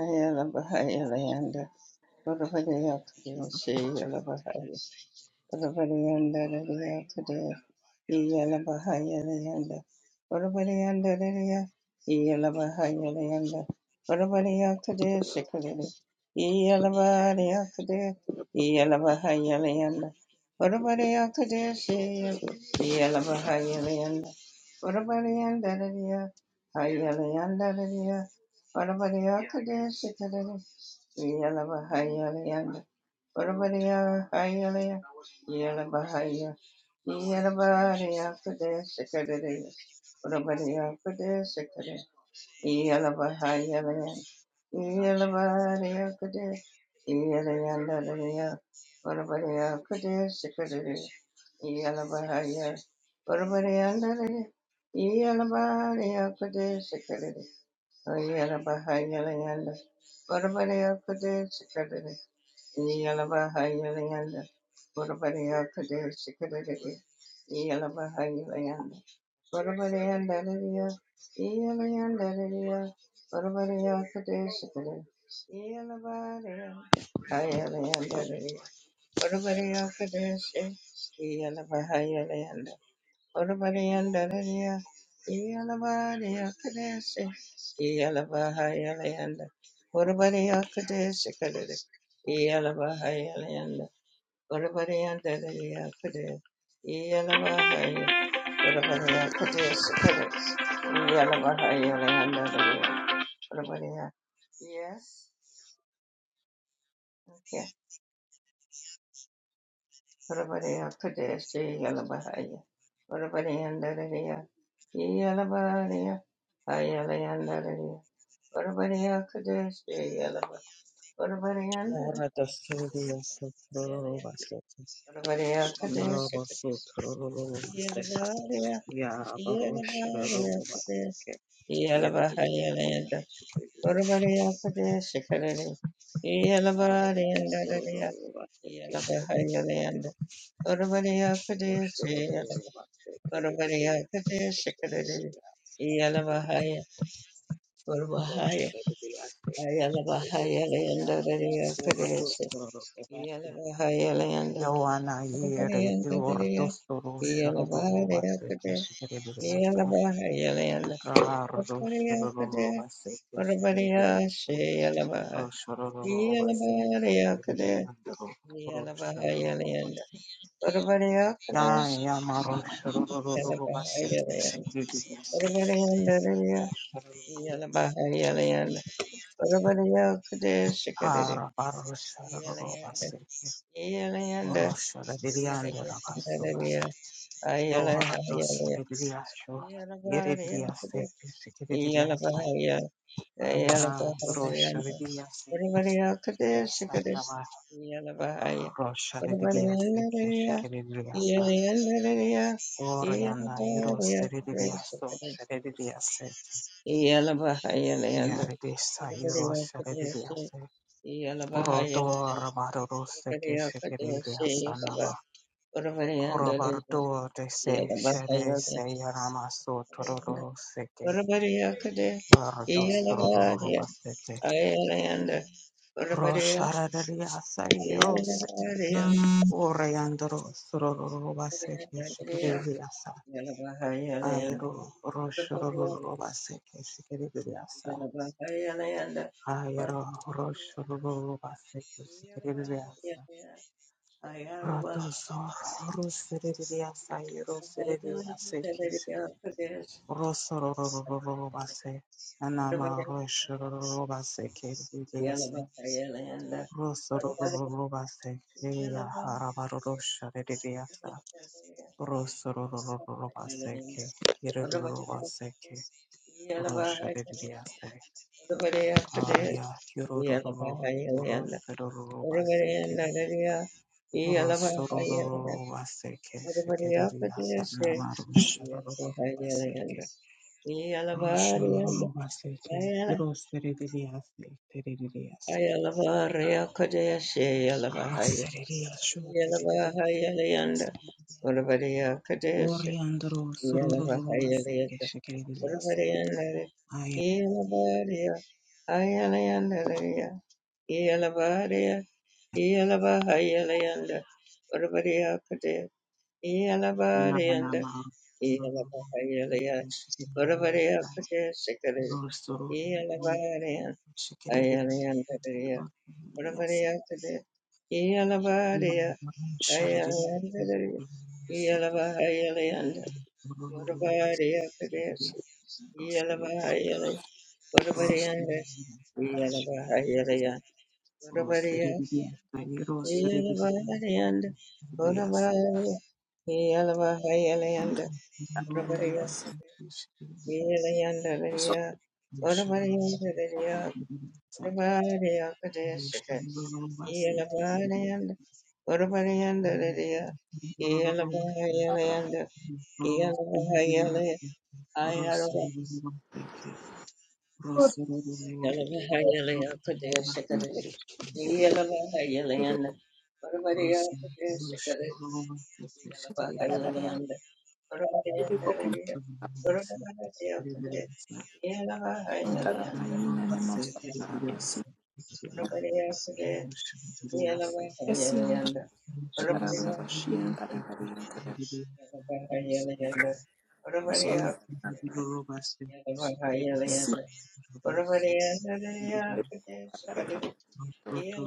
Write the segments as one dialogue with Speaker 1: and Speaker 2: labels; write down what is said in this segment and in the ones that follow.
Speaker 1: Ayala Bahayala Yanda Whatever they have to do, she Yala Bahaya. Urabarianda rariya kariya iyala bahayalayanda Urabarianda rariya iyala bahayalayanda Urabariya kariya shikariri iyala bariya kariya iyala bahayalayanda Urabariya kariya shiyalu iyala bahayalayanda Urabarianda rariya hayalayanda rariya Urabariya kariya shikariri Yala Bahaya Leander, Urabadiya Hayalea, Yala Bahaya, Yala Bahaya Kudesakadea, Urabadiya Kudesakade, Yala Bahaya Leander, Yala Bahaya Kude, Yala Yanda Lea, Urabadiya Kudesakadea, Yala Bahaya, Urabadiya Yala Bahaya Kudesakade, Yala Baha Yala Yanda. Whatabody Kudir Sikadity. Yala Baha Yala Yanda. Whatabody Kudir Sikadity. Yala Baha Yala Yanda. Whatabody Yanda. Yala Yanda. Whatabody Kudir Sikadity. Yala Baha Yala Yanda. Whatabody Kudir Yala Baha Yala Bahayala Yanda. Urabariandararia, Yalabaria Kadesi, Yalabahayalayanda, Urabaria Kadesi Kadadi, Yalabahayalayanda, Urabariandararia Kadadi, Yalabahaya, Urabaria Kadesi Kadadi, Yalabahayalayanda, Urabaria. Yes, okay. Orabariya Kadeshi Yalabahaya. Orabariyandarariya. Yalabariya. Hayalayandarariya. Orabariya Kadeshi Yalaba. Orabariyandarariya.
Speaker 2: Ora da studio sotrorobasete.
Speaker 1: Orabariya Kadeshi.
Speaker 2: Sonorobasotorobaste.
Speaker 1: Yalabariya.
Speaker 2: Ya
Speaker 1: Yalabariya Kadeshi.
Speaker 2: barosharorobaseke.
Speaker 1: Yalabahayalayanda.
Speaker 2: Yerebidiasteke sukebidiasta.
Speaker 1: Orabariya Kadeshi Kadari. Yalabariyandariya.
Speaker 2: Robosororobaseke.
Speaker 1: Yalabahayalayanda.
Speaker 2: Sekebidiasta.
Speaker 1: Orabariya Kadeshi Yalaba.
Speaker 2: Rosharorobaseke.
Speaker 1: Oravaria
Speaker 2: Rebidiasta.
Speaker 1: Kadesh Kadari
Speaker 2: Sekebidiasta.
Speaker 1: Yalavahaya Urvahaya
Speaker 2: Rosharorobaseke.
Speaker 3: I'm not
Speaker 1: Ayalavahaya
Speaker 2: Sekebidiasta.
Speaker 1: Leanda
Speaker 2: Nama.
Speaker 1: Radia
Speaker 2: Ora da
Speaker 1: Kadesh
Speaker 2: Soro
Speaker 1: Yalavahaya Leanda
Speaker 2: Yoana
Speaker 1: Oravaria
Speaker 2: Yere
Speaker 1: Kadaria
Speaker 2: Iordostoro
Speaker 1: Yalavahaya
Speaker 2: Shorobovase
Speaker 1: Kadesh
Speaker 2: Keshkiribiliasa
Speaker 1: Yalavahaya Leanda
Speaker 2: Rabar
Speaker 1: Oravaria Kadesh
Speaker 2: Roshorovase
Speaker 1: Oravaria
Speaker 2: Keshkiribiliasa
Speaker 1: Shayalavah
Speaker 2: Roshorovase
Speaker 1: Yalavahaya
Speaker 3: a man.
Speaker 1: Kadesh
Speaker 2: Keshkiribiliandro
Speaker 3: I
Speaker 1: Yalavahaya
Speaker 3: don't
Speaker 1: Leanda
Speaker 2: Roshorovase
Speaker 1: Oravaria
Speaker 2: Ya
Speaker 1: Kadesh
Speaker 2: Yama Roshorovase
Speaker 1: Yalavahaya Leanda
Speaker 2: Keshkiribiliasa
Speaker 1: Oravaria Kadesh Yalavahaya Leanda
Speaker 2: Roshorovase
Speaker 1: Yalabahaya, Yalabahaya,
Speaker 2: Harabar Roshorovase Roshoroviliandro Yohatos Rebriasho, Yeredia Seke, Shikiriasa,
Speaker 3: know.
Speaker 2: Ayana, Rosha Redia Seke, Shikiriasa, Nama, Rosha Redia Seke, Shikiriasa, Oriana, Euros Rediaso, Sheredia Seke, Yaredisa, Euros Redia Seke,
Speaker 1: Yalabahaya,
Speaker 2: Rodo, Rabado
Speaker 1: Yalabahaya,
Speaker 2: Seke, Shikiriasa, Nama, Robardo, De Se, Shere, Se, Yarama, So, Tororo, Seke. Baradostororobasete. Rosharariasaiorosete. Oreandorosororobaseke shikiririasa. Aero roshororobaseke shikiririasa. Aero roshororobaseke shikiririasa.
Speaker 3: Yeah.
Speaker 2: Rodoso roseririasa iroseririaseke shi. Rosororobase. Anama roshororobaseke
Speaker 1: Yeah.
Speaker 2: Rosorororobaseke, Harabaroshareasa, Rosorororobaseke, Hirorobaseke, Rosharease, Araya, Hirororo, Rosororobaseke, Rosororobaseke, Shikeriasa, Namarosharobaseke. Rosororobaseke, Hiroseridiase, Teridiasa, Raseridia, Shu, Teridiasa.
Speaker 1: Yalabahayalayanda Urabadiya Kadesh
Speaker 2: Oriandro surururu vaseke
Speaker 1: Yalabahayalayanda
Speaker 2: shekeliasa.
Speaker 1: Urabadiyandare Yalabadiya Hayalayandariya Yalabadiya Yalabahayalayanda Urabadiya Kadesh
Speaker 2: Nana
Speaker 1: Yalabadiyanda
Speaker 2: maru
Speaker 1: Yalabahayalayanda Urabadiya
Speaker 2: shekeliasa.
Speaker 1: Kadesh
Speaker 2: Rusuru
Speaker 1: Yalabadiya Hayalayandariya
Speaker 2: shekeliasa.
Speaker 1: Urabadiya Kadesh Yalabadiya,
Speaker 2: Shariri
Speaker 1: Ayalayandalaya,
Speaker 2: vaseke.
Speaker 1: Iyalavahayalayanda,
Speaker 2: Rururu vaseke.
Speaker 1: Varvariyakadesi,
Speaker 2: Roseri
Speaker 1: Iyalavahayalayanda,
Speaker 2: roseri
Speaker 1: Varvariyanda, Iyalavahayalayanda, Varvariya,
Speaker 2: roseri roseri
Speaker 1: Iyalavahayalayanda, Varvariya, Iyalavahayalayanda, Varvariya, Iyalayandalaya,
Speaker 2: roseri
Speaker 1: Varvariyandalaya,
Speaker 2: roseri
Speaker 1: Varvariyakadesi,
Speaker 2: Rosso
Speaker 1: Iyalavahayalayanda, Varvariyandalaya, Iyalavahayalayanda, Yeah.
Speaker 3: Yeah.
Speaker 2: Roma
Speaker 1: Yeah.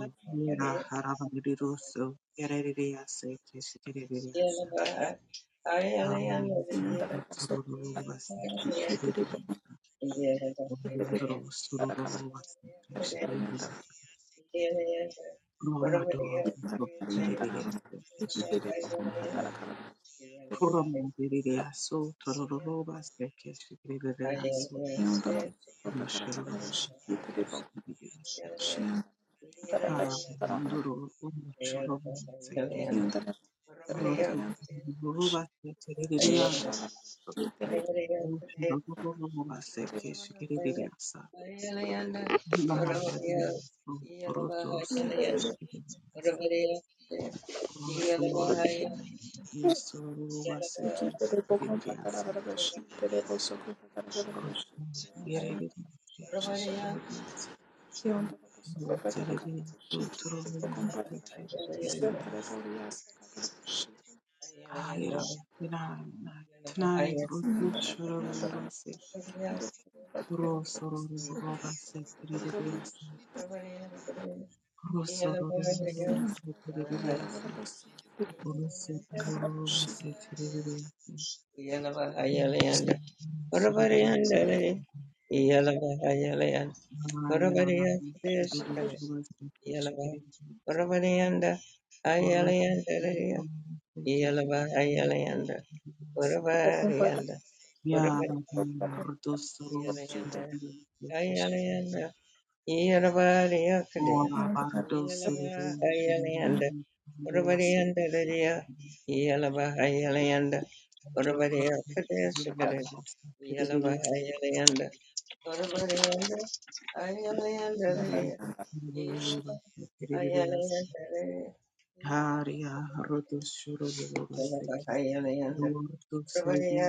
Speaker 2: Ha, Haranduru umucuru museke urotu ruru batekeririanda
Speaker 1: Yeah.
Speaker 2: umucuru mu baseke shikiririasa bahari urotu seke shikiririasa umusumari umusuru baseke shikiririasa yereririasa shikiririasa urotu ruru seke shikiririasa Ayra, Irana, Tanai, Rutu, Shoro, Robase, Rosoro, Robase, Kiribias, Rosoro, Robase, Kiribias,
Speaker 1: Yalaba,
Speaker 2: Rosso, Robase, Kiribias, Siribias, Ayana, Shuru, Robase, Kiribias, Rutu, Robase, Kiribias, Ya, Rutu, Soro, Kiribias, Ora bardo siriya siriya se
Speaker 1: Urabadiyanda Dadiya Yalabahayalayanda
Speaker 2: jokro
Speaker 1: Urabadiya
Speaker 2: siriya
Speaker 1: Kadeshikada Yalabahayalayanda Urabadiyanda Ayalayanda Dadiya
Speaker 2: siriya
Speaker 1: Yalabahayalayanda Dadiya
Speaker 2: hariya rodo shuru rodo se
Speaker 1: Yalabahayalayanda
Speaker 2: rodo siriya
Speaker 1: Urabadiya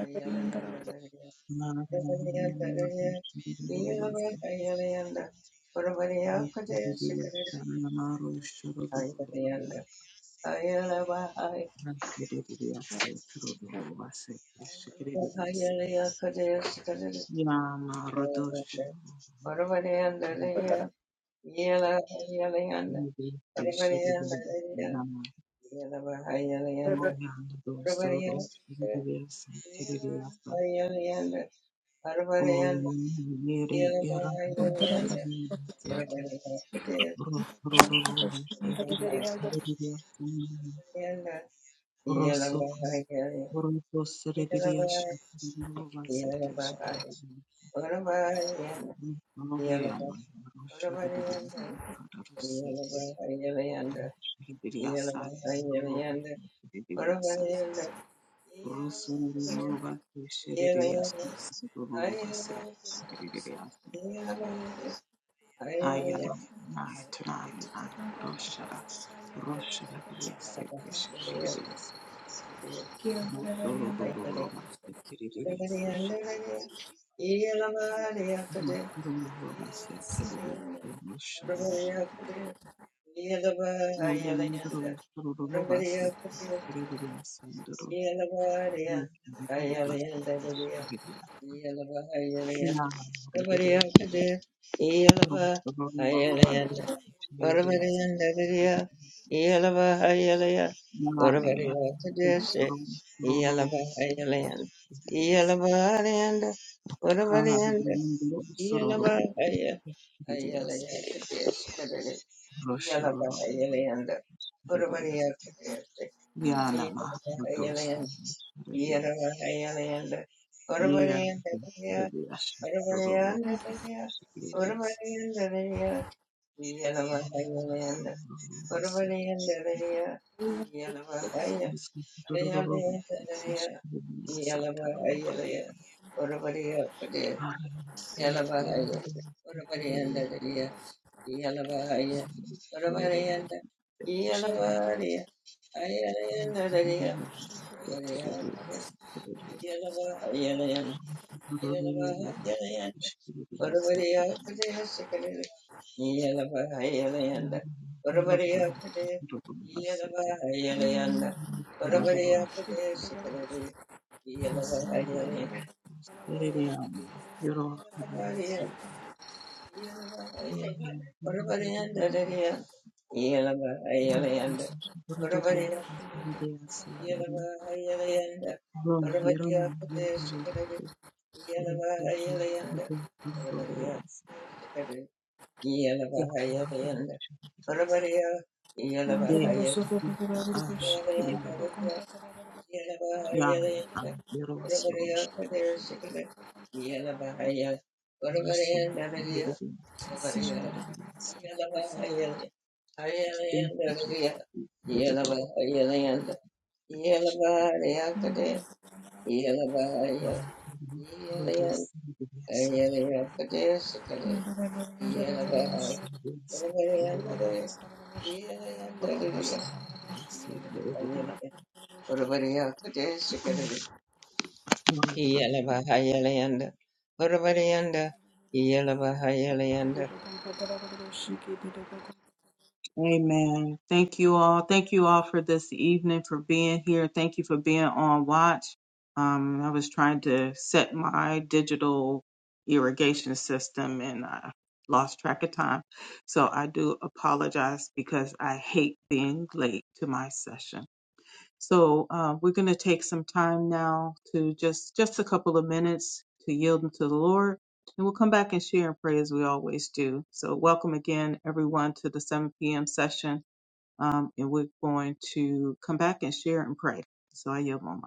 Speaker 1: Ayalayanda Dadiya
Speaker 2: nariya nariya
Speaker 1: Urabadiyanda
Speaker 2: nariya
Speaker 1: Dadiya
Speaker 2: shuru rodo se
Speaker 1: Yalabahayalayanda Urabadiya
Speaker 2: siriya
Speaker 1: Kadeshikada
Speaker 2: shana naro
Speaker 3: Yeah.
Speaker 2: shuru rodo
Speaker 1: Ayalayanda
Speaker 2: siriya se kro rodo se siriya se
Speaker 1: Bahayaliya Kadesh
Speaker 2: yana rodo
Speaker 1: Orvadayandalaya Yela Hayalayanda
Speaker 2: Rosso
Speaker 1: Orvadayandalaya Yela Bahayalayanda Orvadayandalaya Yela Hayalayanda Orvadayanda Yela Bahayalayanda Orvadayandalaya Kadesh Orvadayanda Yela Bahayalaya
Speaker 3: I'm not a
Speaker 1: Yela Bahayalaya Orvadayanda Yela Paravarayanda
Speaker 2: Rusururururu basherereyase rururu base sherereyase ayala nay tunay nay roshara roshara deriyase sherereyase rusururururu base sherereyase rusururururu base sherereyase
Speaker 3: man.
Speaker 2: rusururururu rusururururu base
Speaker 1: Yeah.
Speaker 2: sherereyase nduru
Speaker 1: Yeah.
Speaker 2: rusururururu base sherereyase ya deriyase rusururururu base sherereyase Mane, ro ro ro, give it a sense. Ha, ro ro ro, give it a sense. Ro ro ro, give it a sense. Ya na ma dosti, give
Speaker 1: Yeah.
Speaker 2: it a sense. Ye, give it a sense. Ro ro ro, give it a sense. Ro ro ro, give it a sense. Ro ro ro, give it a sense.
Speaker 1: Say what? Yeah.
Speaker 2: Yeah. They are yeah yeah there was so thank you to the door the kitchen brothers the
Speaker 1: Hello,
Speaker 2: message
Speaker 1: everyone, again.
Speaker 2: the clothes, the message, the message, the message, the evidence. Amen. Thank you all. Thank you all for this evening, for being here. Thank you for being on watch. Um, I was trying to set my digital irrigation system and I lost track of time. So I do apologize because I hate being late to my session. So uh, we're going to take some time now to just just a couple of minutes to yield them to the Lord, and we'll come back and share and pray as we always do. So welcome again, everyone, to the 7 p.m. session, um, and we're going to come back and share and pray. So I yield my mic.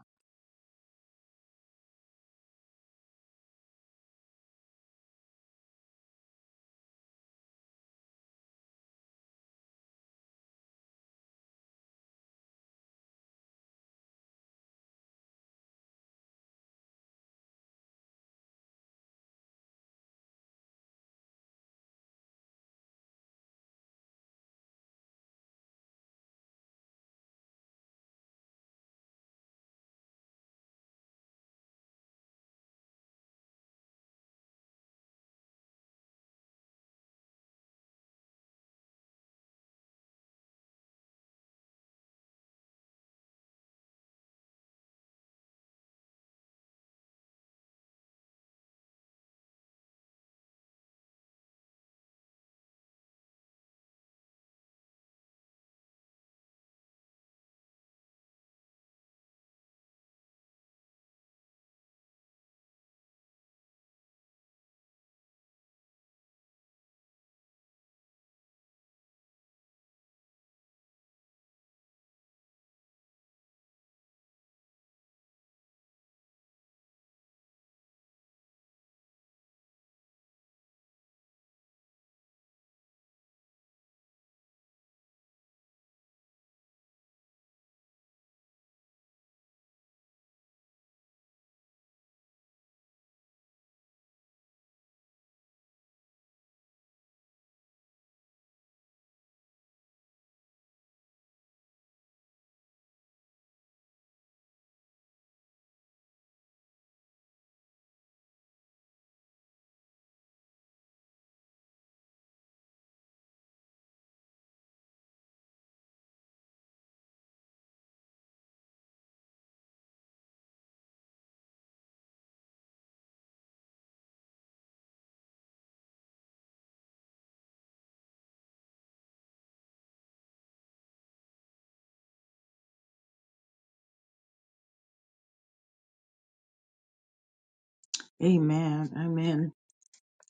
Speaker 2: Amen. Amen.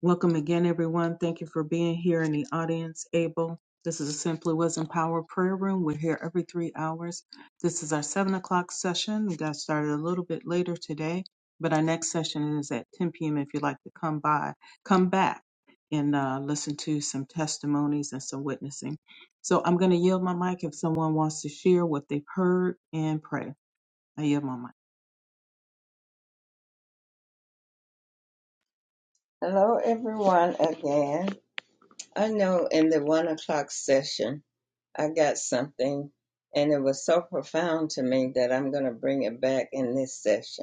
Speaker 2: Welcome again, everyone. Thank you for being here in the audience, Abel. This is a Simply Wisdom Power Prayer Room. We're here every three hours. This is our seven o'clock session. We got started a little bit later today, but our next session is at 10 p.m. If you'd like to come by, come back and uh, listen to some testimonies and some witnessing. So I'm going to yield my mic if someone wants to share what they've heard and pray. I yield my mic.
Speaker 1: I know in the one o'clock session, I got something, and it was so profound to me that I'm going to bring it back in this session.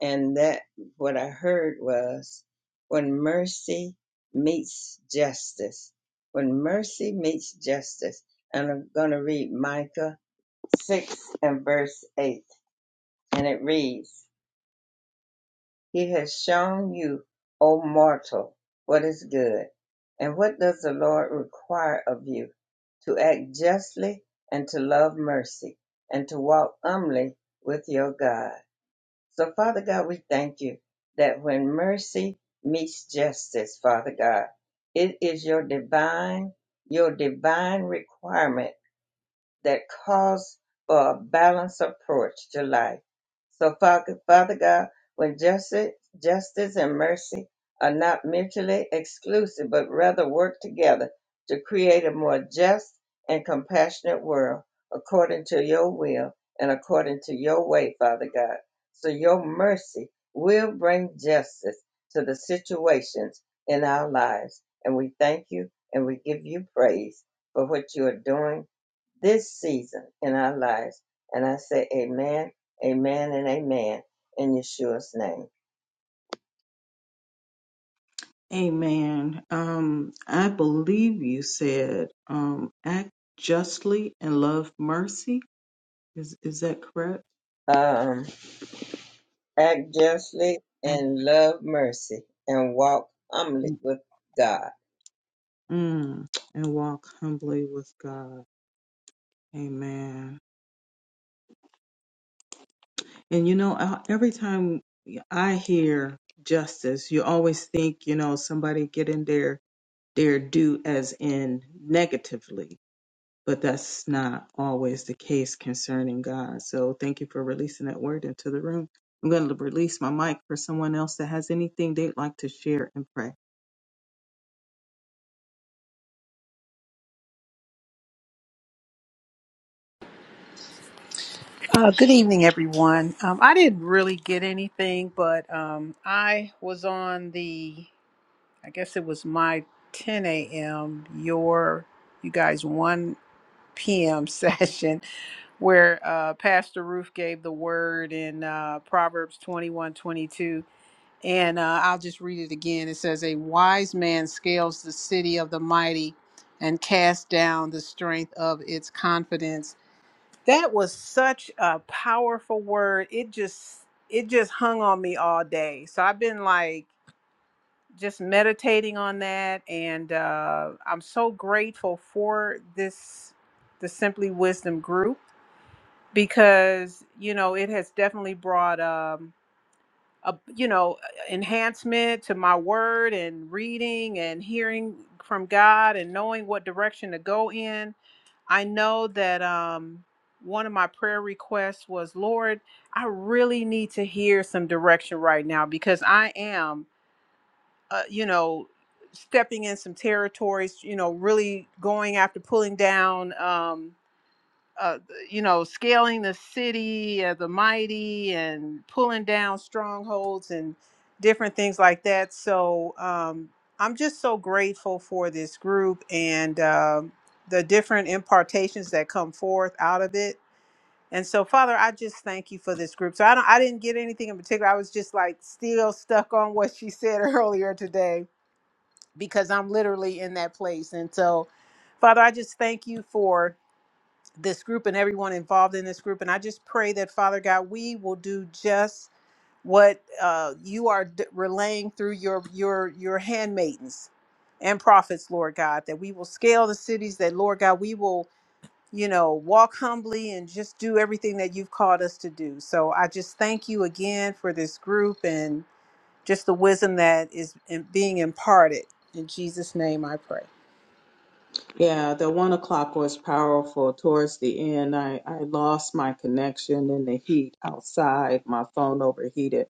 Speaker 1: And that what I heard was when mercy meets justice, when mercy meets justice. And I'm going to read Micah 6 and verse 8. And it reads, He has shown you, O mortal, what is good. And what does the Lord require of you? To act justly and to love mercy and to walk humbly with your God. So, Father God, we thank you that when mercy meets justice, Father God, it is your divine, your divine requirement that calls for a balanced approach to life. So, Father, Father God, when justice, justice and mercy are not mutually exclusive, but rather work together to create a more just and compassionate world according to your will and according to your way, Father God. So, your mercy will bring justice to the situations in our lives. And we thank you and we give you praise for what you are doing this season in our lives. And I say amen, amen, and amen in Yeshua's name.
Speaker 2: Amen. Um, I believe you said um, act justly and love mercy. Is is that correct?
Speaker 1: Um, act justly
Speaker 2: Act,
Speaker 1: and love mercy and walk humbly with God.
Speaker 2: mm, and walk humbly with God. Amen. And you know, I, every time I hear justice, you always think you know somebody getting their their due as in negatively but that's not always the case concerning God. So thank you for releasing that word into the room. I'm going to release my mic for someone else that has anything they'd like to share and pray.
Speaker 4: Uh, good evening, everyone. Um, I didn't really get anything, but um, I was on the, I guess it was my 10 a.m., your, you guys, 1 p.m. session where uh, Pastor Roof gave the word in uh, Proverbs 21:22, And uh, I'll just read it again. It says, A wise man scales the city of the mighty and casts down the strength of its confidence that was such a powerful word. It just it just hung on me all day. So I've been like just meditating on that and uh I'm so grateful for this the Simply Wisdom group because you know it has definitely brought um a you know enhancement to my word and reading and hearing from God and knowing what direction to go in I know that um, one of my prayer requests was, Lord, I really need to hear some direction right now because I am, uh, you know, stepping in some territories, you know, really going after pulling down. Um, uh, you know, scaling the city of the mighty and pulling down strongholds and different things like that. So um, I'm just so grateful for this group and um the different impartations that come forth out of it. And so, Father, I just thank you for this group. So I don't, I didn't get anything in particular. I was just like still stuck on what she said earlier today because I'm literally in that place. And so, Father, I just thank you for this group and everyone involved in this group. And I just pray that, Father God, we will do just what uh, you are d- relaying through your your your handmaidens and prophets, Lord God, that we will scale the cities, that Lord God, we will you know walk humbly and just do everything that you've called us to do. So I just thank you again for this group and just the wisdom that is in- being imparted. In Jesus' name I pray.
Speaker 2: Yeah, the one o'clock was powerful. Towards the end, I, I lost my connection in the heat outside. My phone overheated.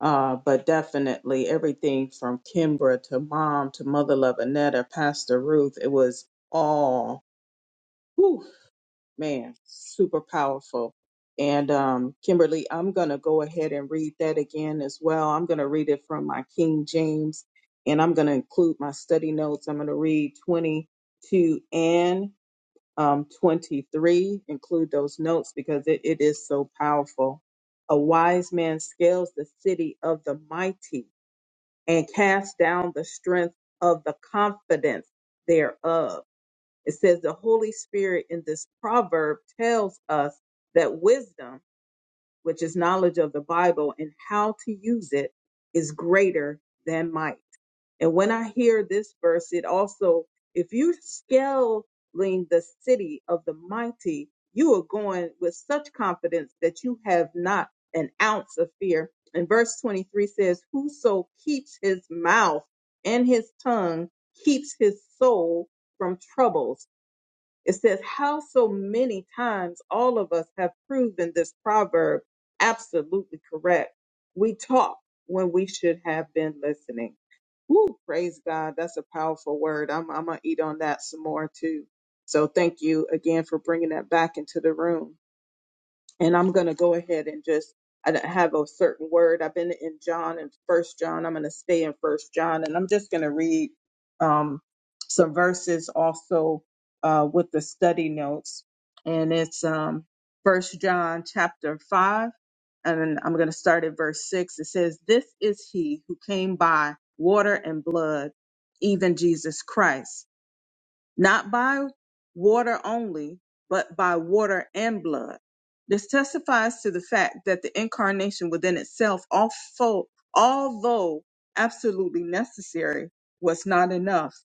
Speaker 2: Uh, but definitely everything from Kimbra to mom to mother love Anetta, Pastor Ruth, it was all. whew, man, super powerful. And um, Kimberly, I'm going to go ahead and read that again as well. I'm going to read it from my King James, and I'm going to include my study notes. I'm going to read 22 and um, 23, include those notes because it, it is so powerful. A wise man scales the city of the mighty and casts down the strength of the confidence thereof it says the Holy Spirit in this proverb tells us that wisdom, which is knowledge of the Bible and how to use it, is greater than might. And when I hear this verse, it also, if you scaling the city of the mighty, you are going with such confidence that you have not an ounce of fear. And verse 23 says, Whoso keeps his mouth and his tongue keeps his soul from troubles. It says, How so many times all of us have proven this proverb absolutely correct. We talk when we should have been listening. Woo, praise God. That's a powerful word. I'm, I'm going to eat on that some more too. So thank you again for bringing that back into the room and I'm going to go ahead and just I don't have a certain word. I've been in John and First John. I'm going to stay in First John, and I'm just going to read um, some verses also uh, with the study notes, and it's um, First John chapter five, and I'm going to start at verse six. It says, "This is he who came by water and blood, even Jesus Christ." not by water only, but by water and blood. This testifies to the fact that the incarnation within itself, also, although absolutely necessary, was not enough.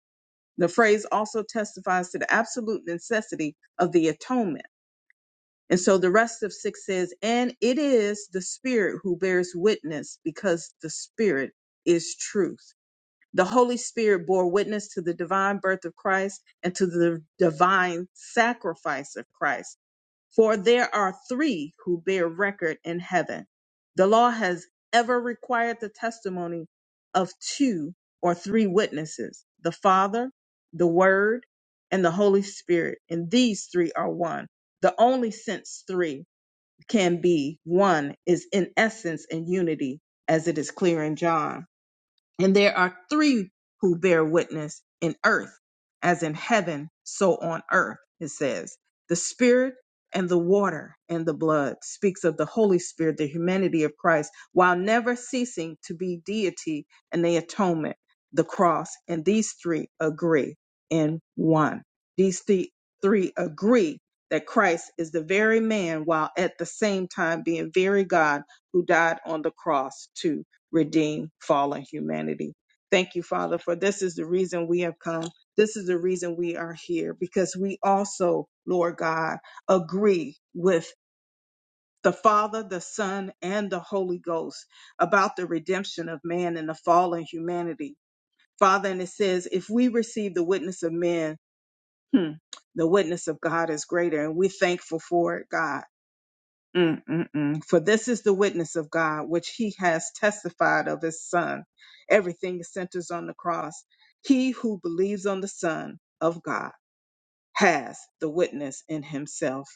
Speaker 2: The phrase also testifies to the absolute necessity of the atonement. And so the rest of six says, and it is the Spirit who bears witness because the Spirit is truth. The Holy Spirit bore witness to the divine birth of Christ and to the divine sacrifice of Christ. For there are three who bear record in heaven. The law has ever required the testimony of two or three witnesses, the Father, the Word, and the Holy Spirit. And these three are one. The only sense three can be one is in essence and unity, as it is clear in John. And there are three who bear witness in earth, as in heaven, so on earth, it says. The Spirit and the water and the blood speaks of the Holy Spirit, the humanity of Christ, while never ceasing to be deity and the atonement, the cross. And these three agree in one. These three, three agree that Christ is the very man, while at the same time being very God who died on the cross, too redeem fallen humanity. Thank you, Father, for this is the reason we have come. This is the reason we are here because we also, Lord God, agree with the Father, the Son, and the Holy Ghost about the redemption of man and the fallen humanity. Father, and it says, if we receive the witness of men, hmm, the witness of God is greater, and we're thankful for it, God. Mm-mm-mm. For this is the witness of God, which he has testified of his son. Everything centers on the cross. He who believes on the son of God has the witness in himself.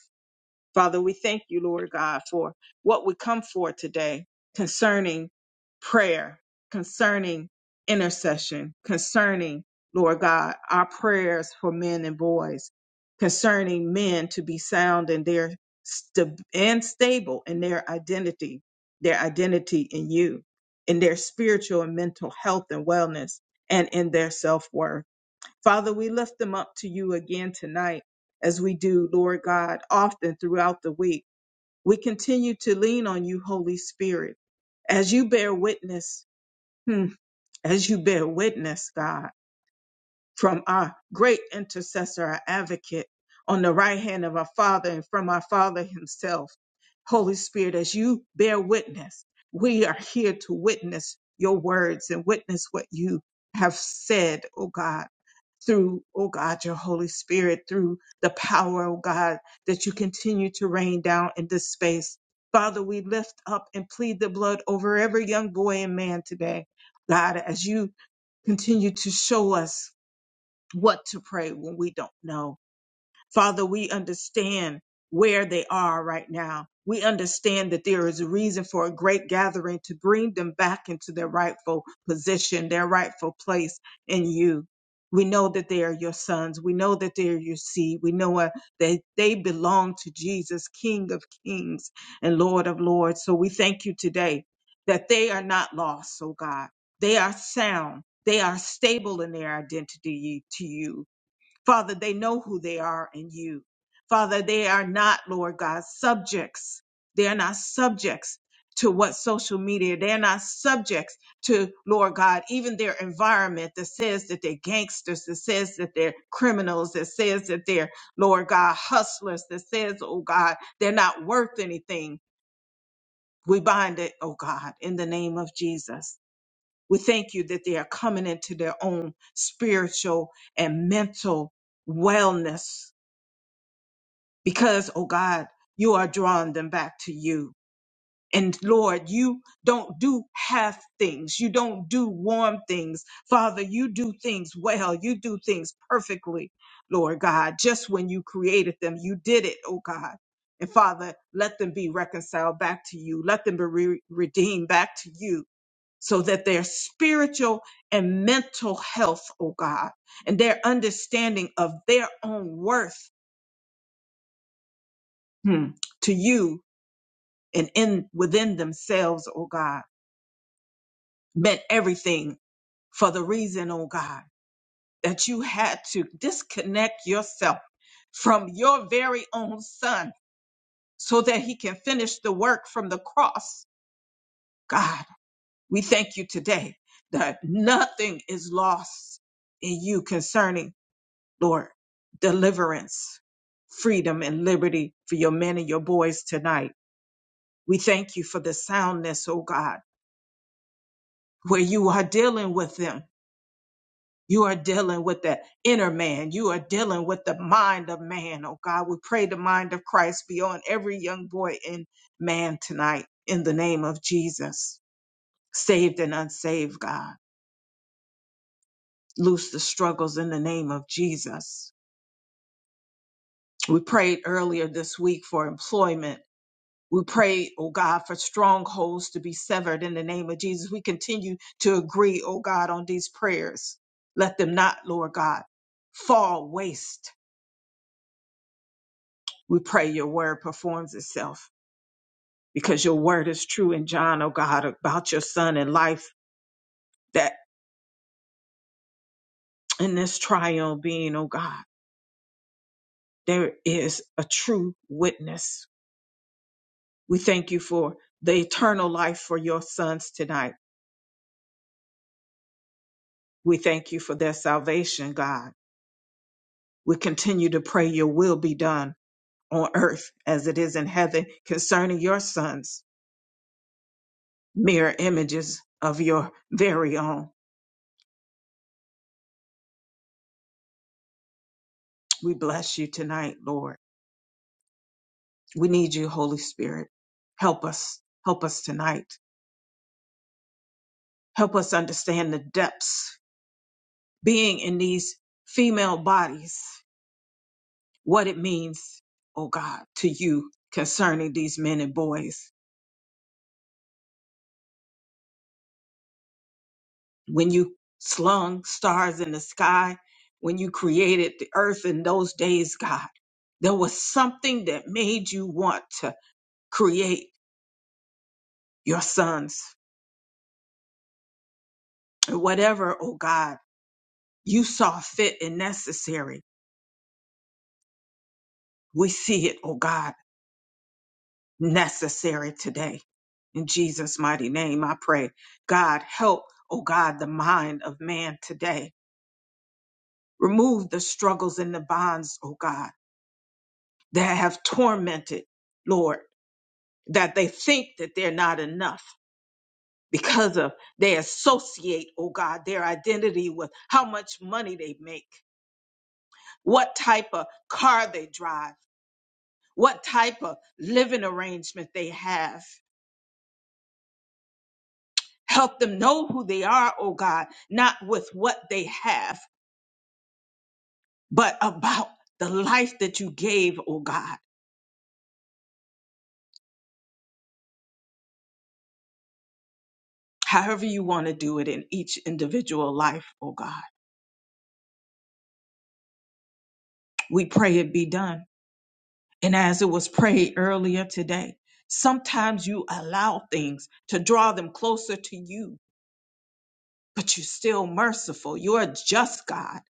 Speaker 2: Father, we thank you, Lord God, for what we come for today concerning prayer, concerning intercession, concerning, Lord God, our prayers for men and boys, concerning men to be sound and their st- and stable in their identity, their identity in you, in their spiritual and mental health and wellness, and in their self worth. Father, we lift them up to you again tonight, as we do, Lord God, often throughout the week. We continue to lean on you, Holy Spirit, as you bear witness, hmm, as you bear witness, God from our great intercessor, our advocate on the right hand of our Father and from our Father Himself. Holy Spirit, as you bear witness, we are here to witness your words and witness what you have said, oh God, through, oh God, your Holy Spirit, through the power, oh God, that you continue to rain down in this space. Father, we lift up and plead the blood over every young boy and man today. God, as you continue to show us what to pray when we don't know. Father, we understand where they are right now. We understand that there is a reason for a great gathering to bring them back into their rightful position, their rightful place in you. We know that they are your sons. We know that they are your seed. We know uh, that they belong to Jesus, King of kings and Lord of lords. So we thank you today that they are not lost, oh God. They are sound. They are stable in their identity to you Father, they know who they are in you. Father, they are not, Lord God, subjects. They are not subjects to what social media, they are not subjects to, Lord God, even their environment that says that they're gangsters, that says that they're criminals, that says that they're, Lord God, hustlers, that says, oh God, they're not worth anything. We bind it, oh God, in the name of Jesus. We thank you that they are coming into their own spiritual and mental wellness because, oh God, you are drawing them back to you. And Lord, you don't do half things. You don't do warm things. Father, you do things well. You do things perfectly, Lord God. Just when you created them, you did it, oh God. And Father, let them be reconciled back to you. Let them be re- redeemed back to you so that their spiritual and mental health, oh God, and their understanding of their own worth hmm, to you and in within themselves, oh God, meant everything for the reason, oh God, that you had to disconnect yourself from your very own son so that he can finish the work from the cross. God, we thank you today that nothing is lost in you concerning, Lord, deliverance, freedom, and liberty for your men and your boys tonight. We thank you for the soundness, oh God, where you are dealing with them You are dealing with the inner man. You are dealing with the mind of man. Oh God, we pray the mind of Christ be on every young boy and man tonight in the name of Jesus. Saved and unsaved, God. Loose the struggles in the name of Jesus. We prayed earlier this week for employment. We pray, oh God, for strongholds to be severed in the name of Jesus. We continue to agree, oh God, on these prayers. Let them not, Lord God, fall waste We pray your word performs itself because your word is true in John, oh God, about your son and life that in this trial being, oh God, there is a true witness. We thank you for the eternal life for your sons tonight. We thank you for their salvation, God. We continue to pray your will be done on earth as it is in heaven concerning your sons, mirror images of your very own. We bless you tonight, Lord. We need you, Holy Spirit. Help us. Help us tonight. Help us understand the depths being in these female bodies, what it means, oh God, to you concerning these men and boys. When you slung stars in the sky, when you created the earth in those days, God, there was something that made you want to create your sons. Whatever, oh God, you saw fit and necessary. We see it, oh God necessary today. In Jesus' mighty name, I pray. God, help, oh God, the mind of man today. Remove the struggles and the bonds, oh God, that have tormented, Lord, that they think that they're not enough because of they associate, oh God, their identity with how much money they make, what type of car they drive, what type of living arrangement they have. Help them know who they are, oh God, not with what they have, but about the life that you gave, oh God. However you want to do it in each individual life, oh God. We pray it be done. And as it was prayed earlier today, sometimes you allow things to draw them closer to you, but you're still merciful. You're a just God.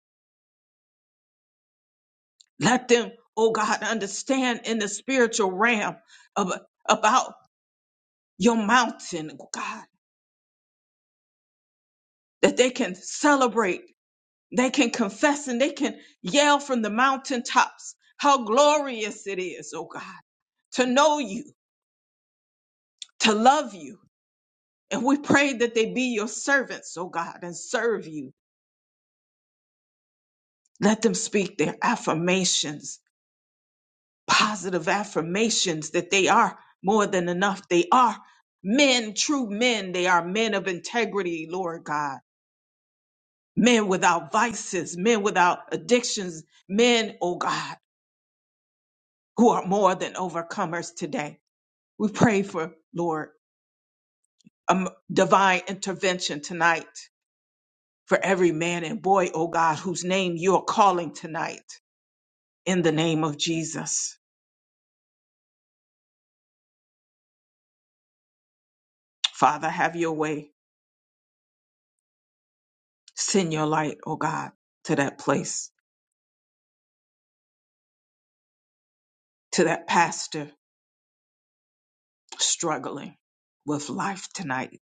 Speaker 2: Let them, oh God, understand in the spiritual realm of, about your mountain, oh God that they can celebrate, they can confess, and they can yell from the mountaintops how glorious it is, oh God, to know you, to love you. And we pray that they be your servants, oh God, and serve you. Let them speak their affirmations, positive affirmations that they are more than enough. They are men, true men. They are men of integrity, Lord God. Men without vices, men without addictions, men, oh God who are more than overcomers today. We pray for, Lord, um, divine intervention tonight for every man and boy, oh God, whose name you're calling tonight in the name of Jesus. Father, have your way. Send your light, oh God, to that place, to that pastor struggling with life tonight,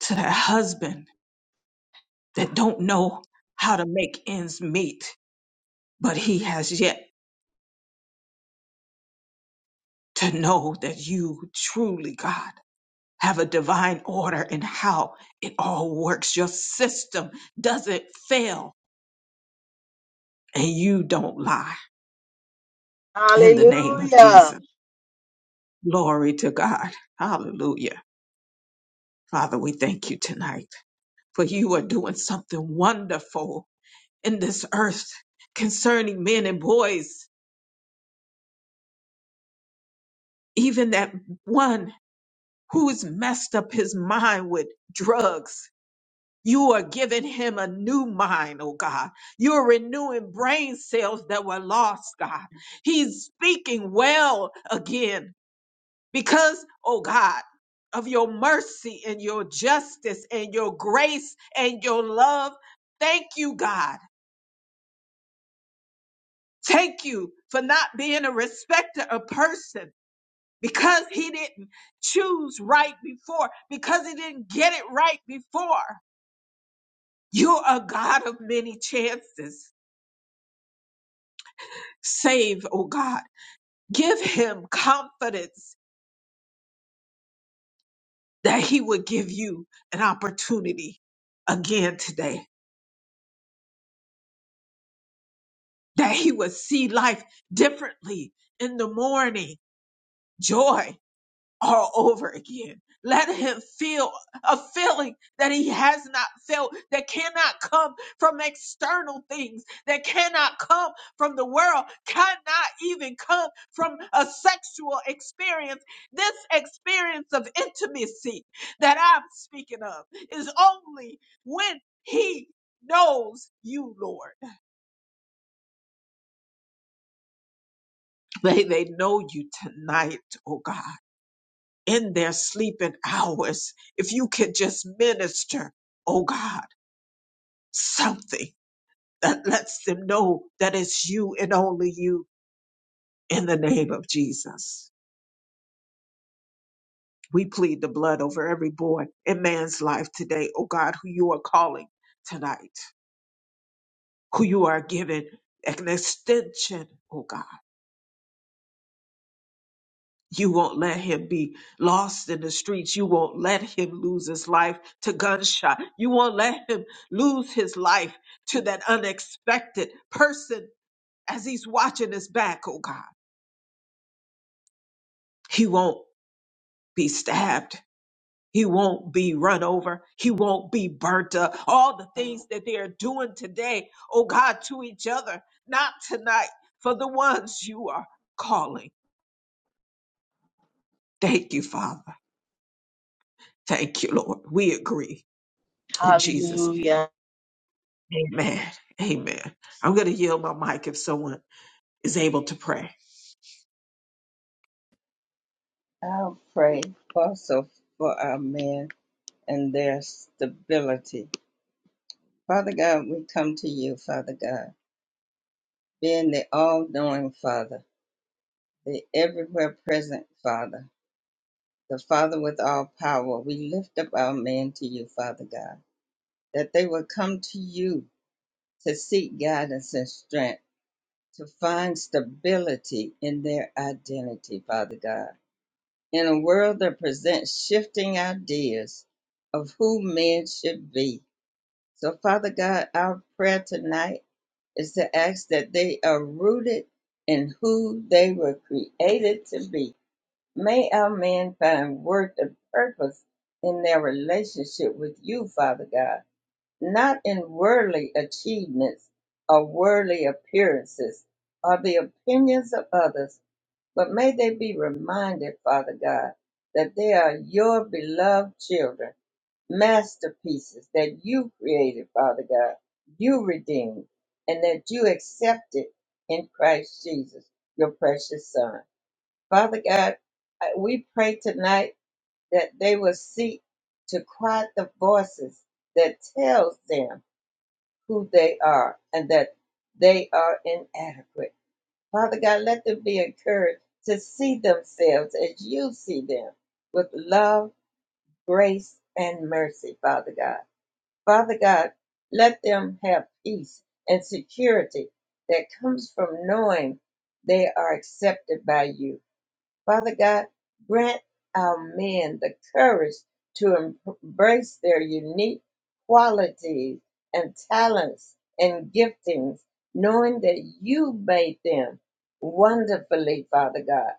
Speaker 2: to that husband that don't know how to make ends meet, but he has yet to know that you truly, God, have a divine order in how it all works. Your system doesn't fail and you don't lie in the name of
Speaker 3: Hallelujah.
Speaker 2: Jesus. Glory to God. Hallelujah. Father, we thank you tonight for you are doing something wonderful in this earth concerning men and boys, even that one who has messed up his mind with drugs You are giving him a new mind, oh God. You're renewing brain cells that were lost, God. He's speaking well again because, oh God, of your mercy and your justice and your grace and your love. Thank you, God. Thank you for not being a respecter of person because he didn't choose right before, because he didn't get it right before. You're a God of many chances. Save, oh God. Give him confidence that he would give you an opportunity again today, that he would see life differently in the morning. Joy, all over again. Let him feel a feeling that he has not felt, that cannot come from external things, that cannot come from the world, cannot even come from a sexual experience. This experience of intimacy that I'm speaking of is only when he knows you, Lord. May they know you tonight, oh God. in their sleeping hours, if you could just minister, oh God, something that lets them know that it's you and only you in the name of Jesus. We plead the blood over every boy in man's life today, oh God, who you are calling tonight, who you are giving an extension, oh God You won't let him be lost in the streets. You won't let him lose his life to gunshot. You won't let him lose his life to that unexpected person as he's watching his back, oh God. He won't be stabbed. He won't be run over. He won't be burnt up. All the things that they are doing today, oh God, to each other, not tonight, for the ones you are calling. Thank you, Father. Thank you, Lord. We agree in Jesus' name.
Speaker 3: Hallelujah.
Speaker 2: Amen. Amen. I'm going to yield my mic if someone is able to pray.
Speaker 1: I'll pray also for our men and their stability. Father God, we come to you, Father God, being the all knowing Father, the everywhere present Father, the Father with all power. We lift up our men to you, Father God. that they will come to you to seek guidance and strength, to find stability in their identity, Father God. In a world that presents shifting ideas of who men should be. So, Father God, our prayer tonight is to ask that they are rooted in who they were created to be. May our men find worth and purpose in their relationship with you, Father God not in worldly achievements or worldly appearances or the opinions of others, but may they be reminded, Father God, that they are your beloved children, masterpieces that you created, Father God, you redeemed, and that you accepted in Christ Jesus, your precious Son. Father God, I- we pray tonight that they will seek to quiet the voices that tells them who they are and that they are inadequate. Father God, let them be encouraged to see themselves as you see them with love, grace, and mercy, Father God. Father God, let them have peace and security that comes from knowing they are accepted by you. Father God, grant our men the courage to embrace their unique qualities and talents and giftings, knowing that you made them wonderfully, Father God.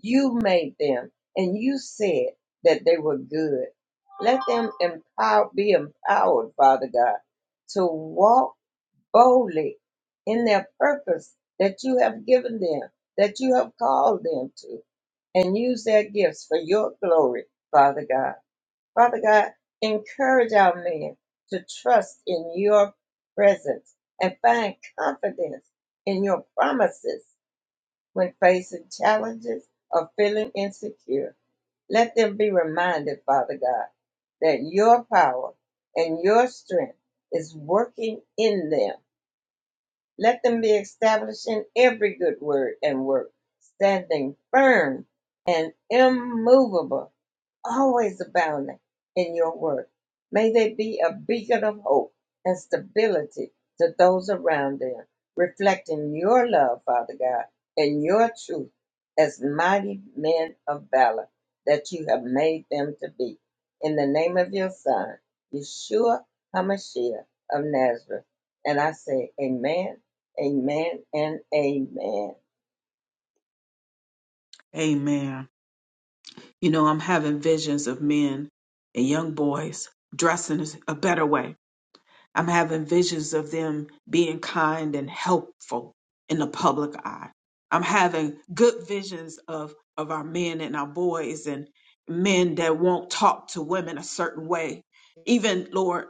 Speaker 1: You made them, and you said that they were good. Let them empower, be empowered, Father God, to walk boldly in their purpose that you have given them, that you have called them to and use their gifts for your glory, Father God. Father God, encourage our men to trust in your presence and find confidence in your promises when facing challenges or feeling insecure. Let them be reminded, Father God, that your power and your strength is working in them. Let them be established in every good word and work, standing firm and immovable always abounding in your work. May they be a beacon of hope and stability to those around them, reflecting your love, Father God, and your truth as mighty men of valor that you have made them to be. In the name of your Son, Yeshua HaMashiach of Nazareth. And I say, Amen, Amen, and Amen.
Speaker 2: Amen. You know, I'm having visions of men and young boys dressing a better way. I'm having visions of them being kind and helpful in the public eye. I'm having good visions of, of our men and our boys and men that won't talk to women a certain way. Even Lord,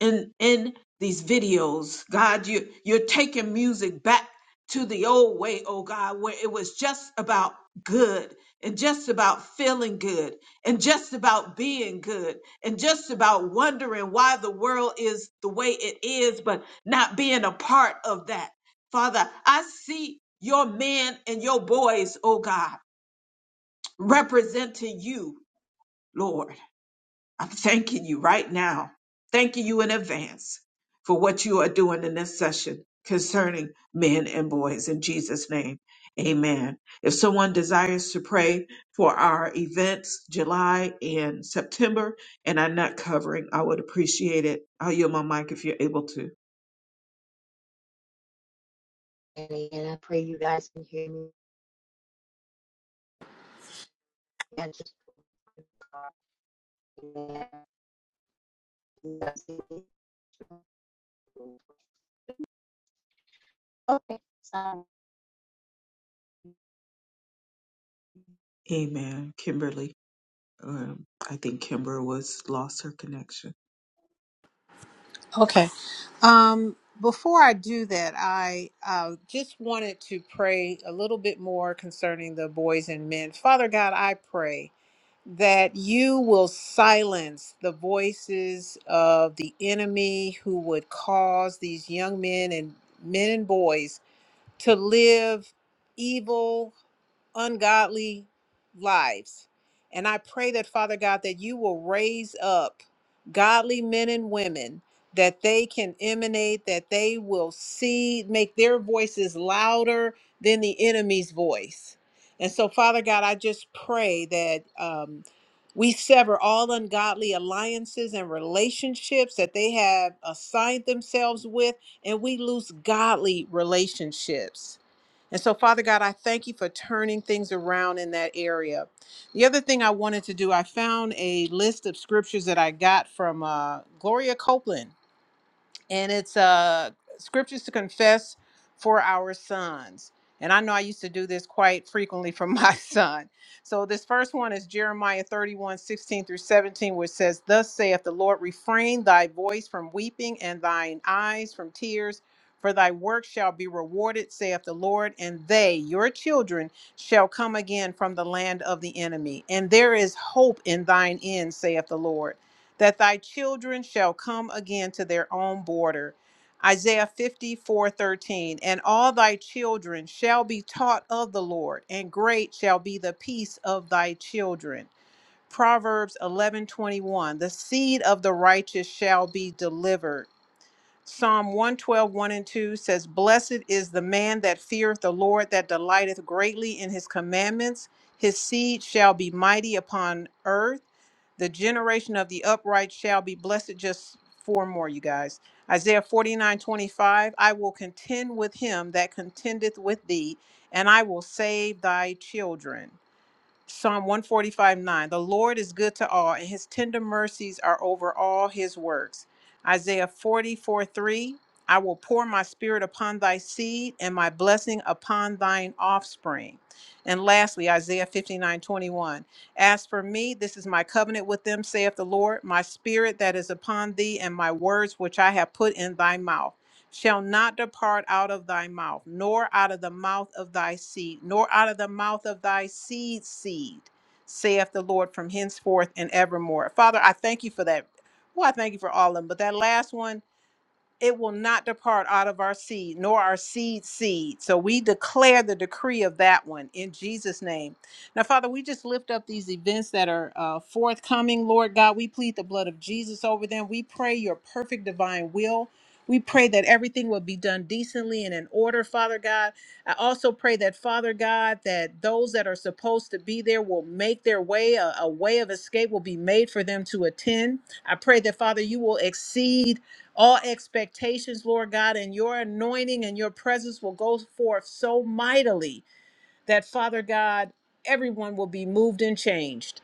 Speaker 2: in in these videos, God, you you're taking music back to the old way, oh God, where it was just about good and just about feeling good and just about being good and just about wondering why the world is the way it is, but not being a part of that. Father, I see your men and your boys, oh God, representing you, Lord. I'm thanking you right now, thanking you in advance for what you are doing in this session concerning men and boys. In Jesus' name, amen. If someone desires to pray for our events, July and September, and I'm not covering, I would appreciate it. I'll yield my mic if you're able to.
Speaker 3: And I pray you guys can hear me. I just okay. Sorry.
Speaker 2: Amen. Kimberly, um, I think Kimber was lost her connection.
Speaker 4: Okay. Um, before I do that, I uh, just wanted to pray a little bit more concerning the boys and men. Father God, I pray. that you will silence the voices of the enemy who would cause these young men and men and boys to live evil ungodly lives. And I pray that, Father God, that you will raise up godly men and women that they can emanate, that they will see, make their voices louder than the enemy's voice. And so, Father God, I just pray that um, we sever all ungodly alliances and relationships that they have assigned themselves with, and we lose godly relationships. And so, Father God, I thank you for turning things around in that area. The other thing I wanted to do, I found a list of scriptures that I got from uh, Gloria Copeland and it's uh scriptures to confess for our sons and i know i used to do this quite frequently for my son so this first one is jeremiah 31 16 through 17 which says thus saith the lord refrain thy voice from weeping and thine eyes from tears for thy work shall be rewarded saith the lord and they your children shall come again from the land of the enemy and there is hope in thine end saith the lord that thy children shall come again to their own border. Isaiah 54 13, And all thy children shall be taught of the Lord, and great shall be the peace of thy children. Proverbs eleven twenty one. The seed of the righteous shall be delivered Psalm 112, 1 and 2 says, Blessed is the man that feareth the Lord, that delighteth greatly in his commandments. His seed shall be mighty upon earth. The generation of the upright shall be blessed. Just four more, you guys. Isaiah 49:25, I will contend with him that contendeth with thee, and I will save thy children. Psalm 145 9. The Lord is good to all, and his tender mercies are over all his works. Isaiah 44 3. I will pour my spirit upon thy seed and my blessing upon thine offspring. And lastly, Isaiah 59 21. As for me, this is my covenant with them, saith the Lord, my spirit that is upon thee, and my words which I have put in thy mouth shall not depart out of thy mouth, nor out of the mouth of thy seed, nor out of the mouth of thy seed seed, saith the Lord from henceforth and evermore. Father, I thank you for that. Well, I thank you for all of them, but that last one it will not depart out of our seed, nor our seed seed. So we declare the decree of that one in Jesus' name. Now, Father, we just lift up these events that are uh, forthcoming, Lord God. We plead the blood of Jesus over them. We pray your perfect divine will. We pray that everything will be done decently and in order, Father God. I also pray that, Father God, that those that are supposed to be there will make their way, a, a way of escape will be made for them to attend. I pray that, Father, you will exceed all expectations, Lord God, and your anointing and your presence will go forth so mightily that, Father God, everyone will be moved and changed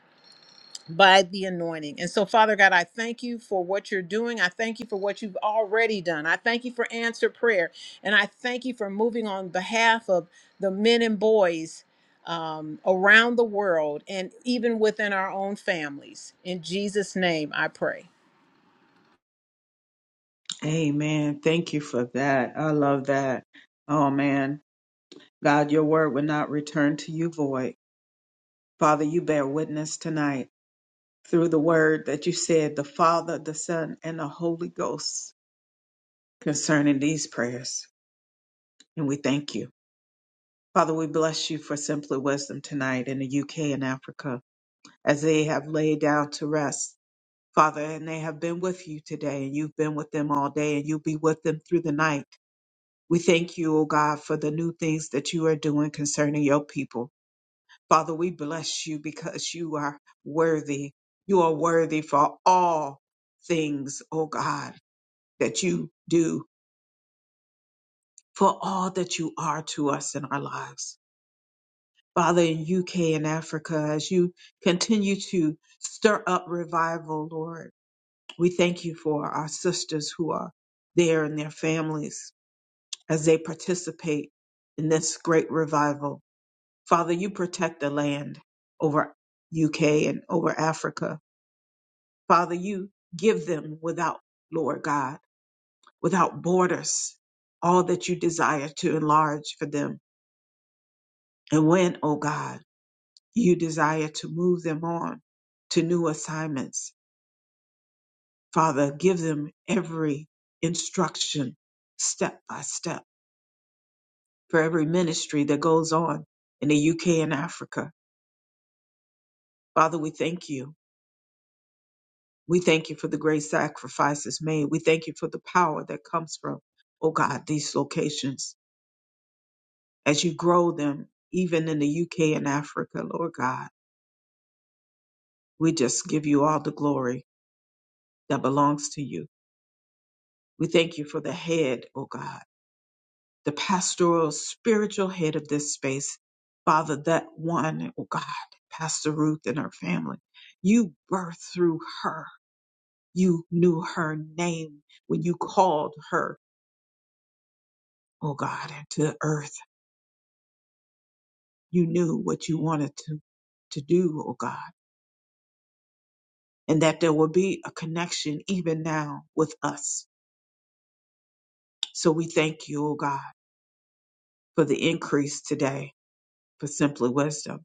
Speaker 4: by the anointing. And so, Father God, I thank you for what you're doing. I thank you for what you've already done. I thank you for answered prayer. And I thank you for moving on behalf of the men and boys. Um, around the world and even within our own families. In Jesus' name, I pray.
Speaker 2: Amen. Thank you for that. I love that. Oh, man. God, your word will not return to you void. Father, you bear witness tonight through the word that you said, the Father, the Son, and the Holy Ghost concerning these prayers. And we thank you. Father, we bless you for simply wisdom tonight in the UK and Africa as they have laid down to rest. Father, and they have been with you today, and you've been with them all day, and you'll be with them through the night We thank you, O God, for the new things that you are doing concerning your people. Father, we bless you because you are worthy. You are worthy for all things, O God, that you do, for all that you are to us in our lives. Father, in UK and Africa, as you continue to stir up revival, Lord, we thank you for our sisters who are there and their families as they participate in this great revival. Father, you protect the land over UK and over Africa. Father, you give them without, Lord God, without borders, all that you desire to enlarge for them. And when, O God, you desire to move them on to new assignments, Father, give them every instruction step by step for every ministry that goes on in the UK and Africa. Father, we thank you. We thank you for the great sacrifices made. We thank you for the power that comes from, oh God, these locations as you grow them, even in the UK and Africa, Lord God. We just give you all the glory that belongs to you. We thank you for the head, oh God, the pastoral, spiritual head of this space. Father, that one, oh God, Pastor Ruth and her family, you birthed through her. You knew her name when you called her, oh God, into earth you knew what you wanted to, to do, oh God, and that there will be a connection even now with us. So we thank you, oh God, for the increase today for Simply Wisdom,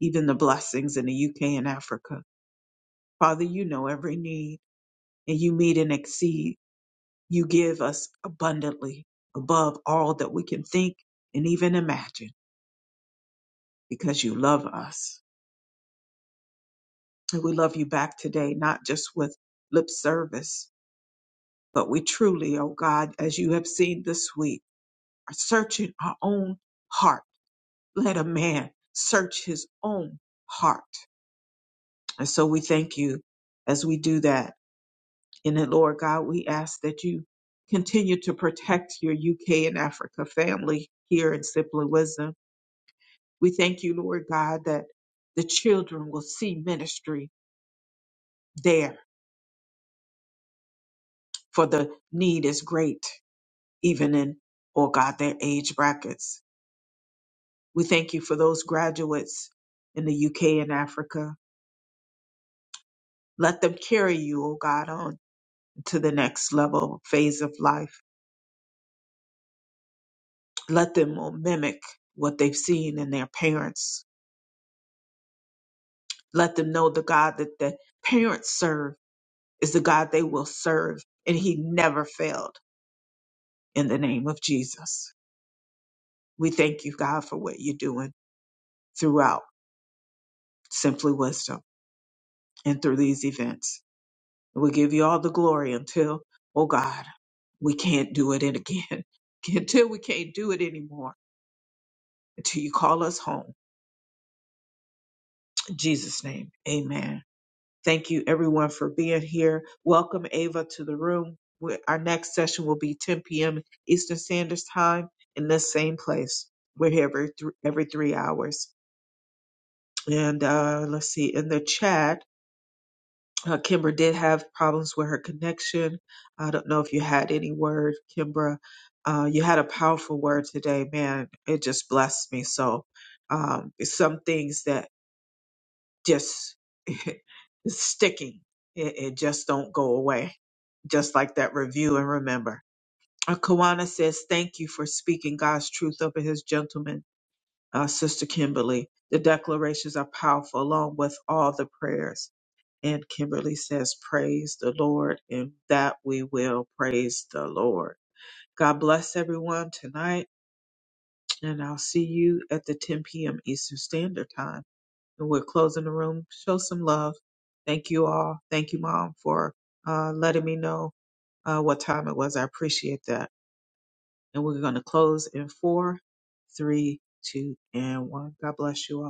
Speaker 2: even the blessings in the UK and Africa. Father, you know every need and you meet and exceed. You give us abundantly above all that we can think and even imagine because you love us. And we love you back today, not just with lip service, But we truly, O God, as you have seen this week, are searching our own heart. Let a man search his own heart. And so we thank you as we do that. And then, Lord God, we ask that you continue to protect your UK and Africa family here in Simply Wisdom. We thank you, Lord God, that the children will see ministry there, for the need is great, even in, oh God, their age brackets. We thank you for those graduates in the UK and Africa. Let them carry you, O God, on to the next level phase of life. Let them oh, mimic what they've seen in their parents. Let them know the God that the parents serve is the God they will serve, and He never failed in the name of Jesus. We thank you, God, for what you're doing throughout Simply Wisdom and through these events. And we give you all the glory until, oh God, we can't do it and again. Until we can't do it anymore. Until you call us home. In Jesus' name. Amen. Thank you everyone for being here. Welcome Ava to the room. We- Our next session will be 10 p.m. Eastern Standard Time in this same place. We're here every, th- every three hours. And uh, let's see, in the chat, Uh, Kimbra did have problems with her connection. I don't know if you had any word, Kimbra. Uh, you had a powerful word today, man. It just blessed me. So, um, it's some things that just it's sticking, it, it just don't go away. Just like that review and remember. Uh, Kawana says, "Thank you for speaking God's truth over His gentlemen, uh, Sister Kimberly. The declarations are powerful, along with all the prayers." And Kimberly says, Praise the Lord, and that we will praise the Lord. God bless everyone tonight, and I'll see you at the 10 p.m. Eastern Standard Time. And we're closing the room. Show some love. Thank you all. Thank you, Mom, for uh, letting me know uh, what time it was. I appreciate that. And we're going to close in four, three, two, and one. God bless you all.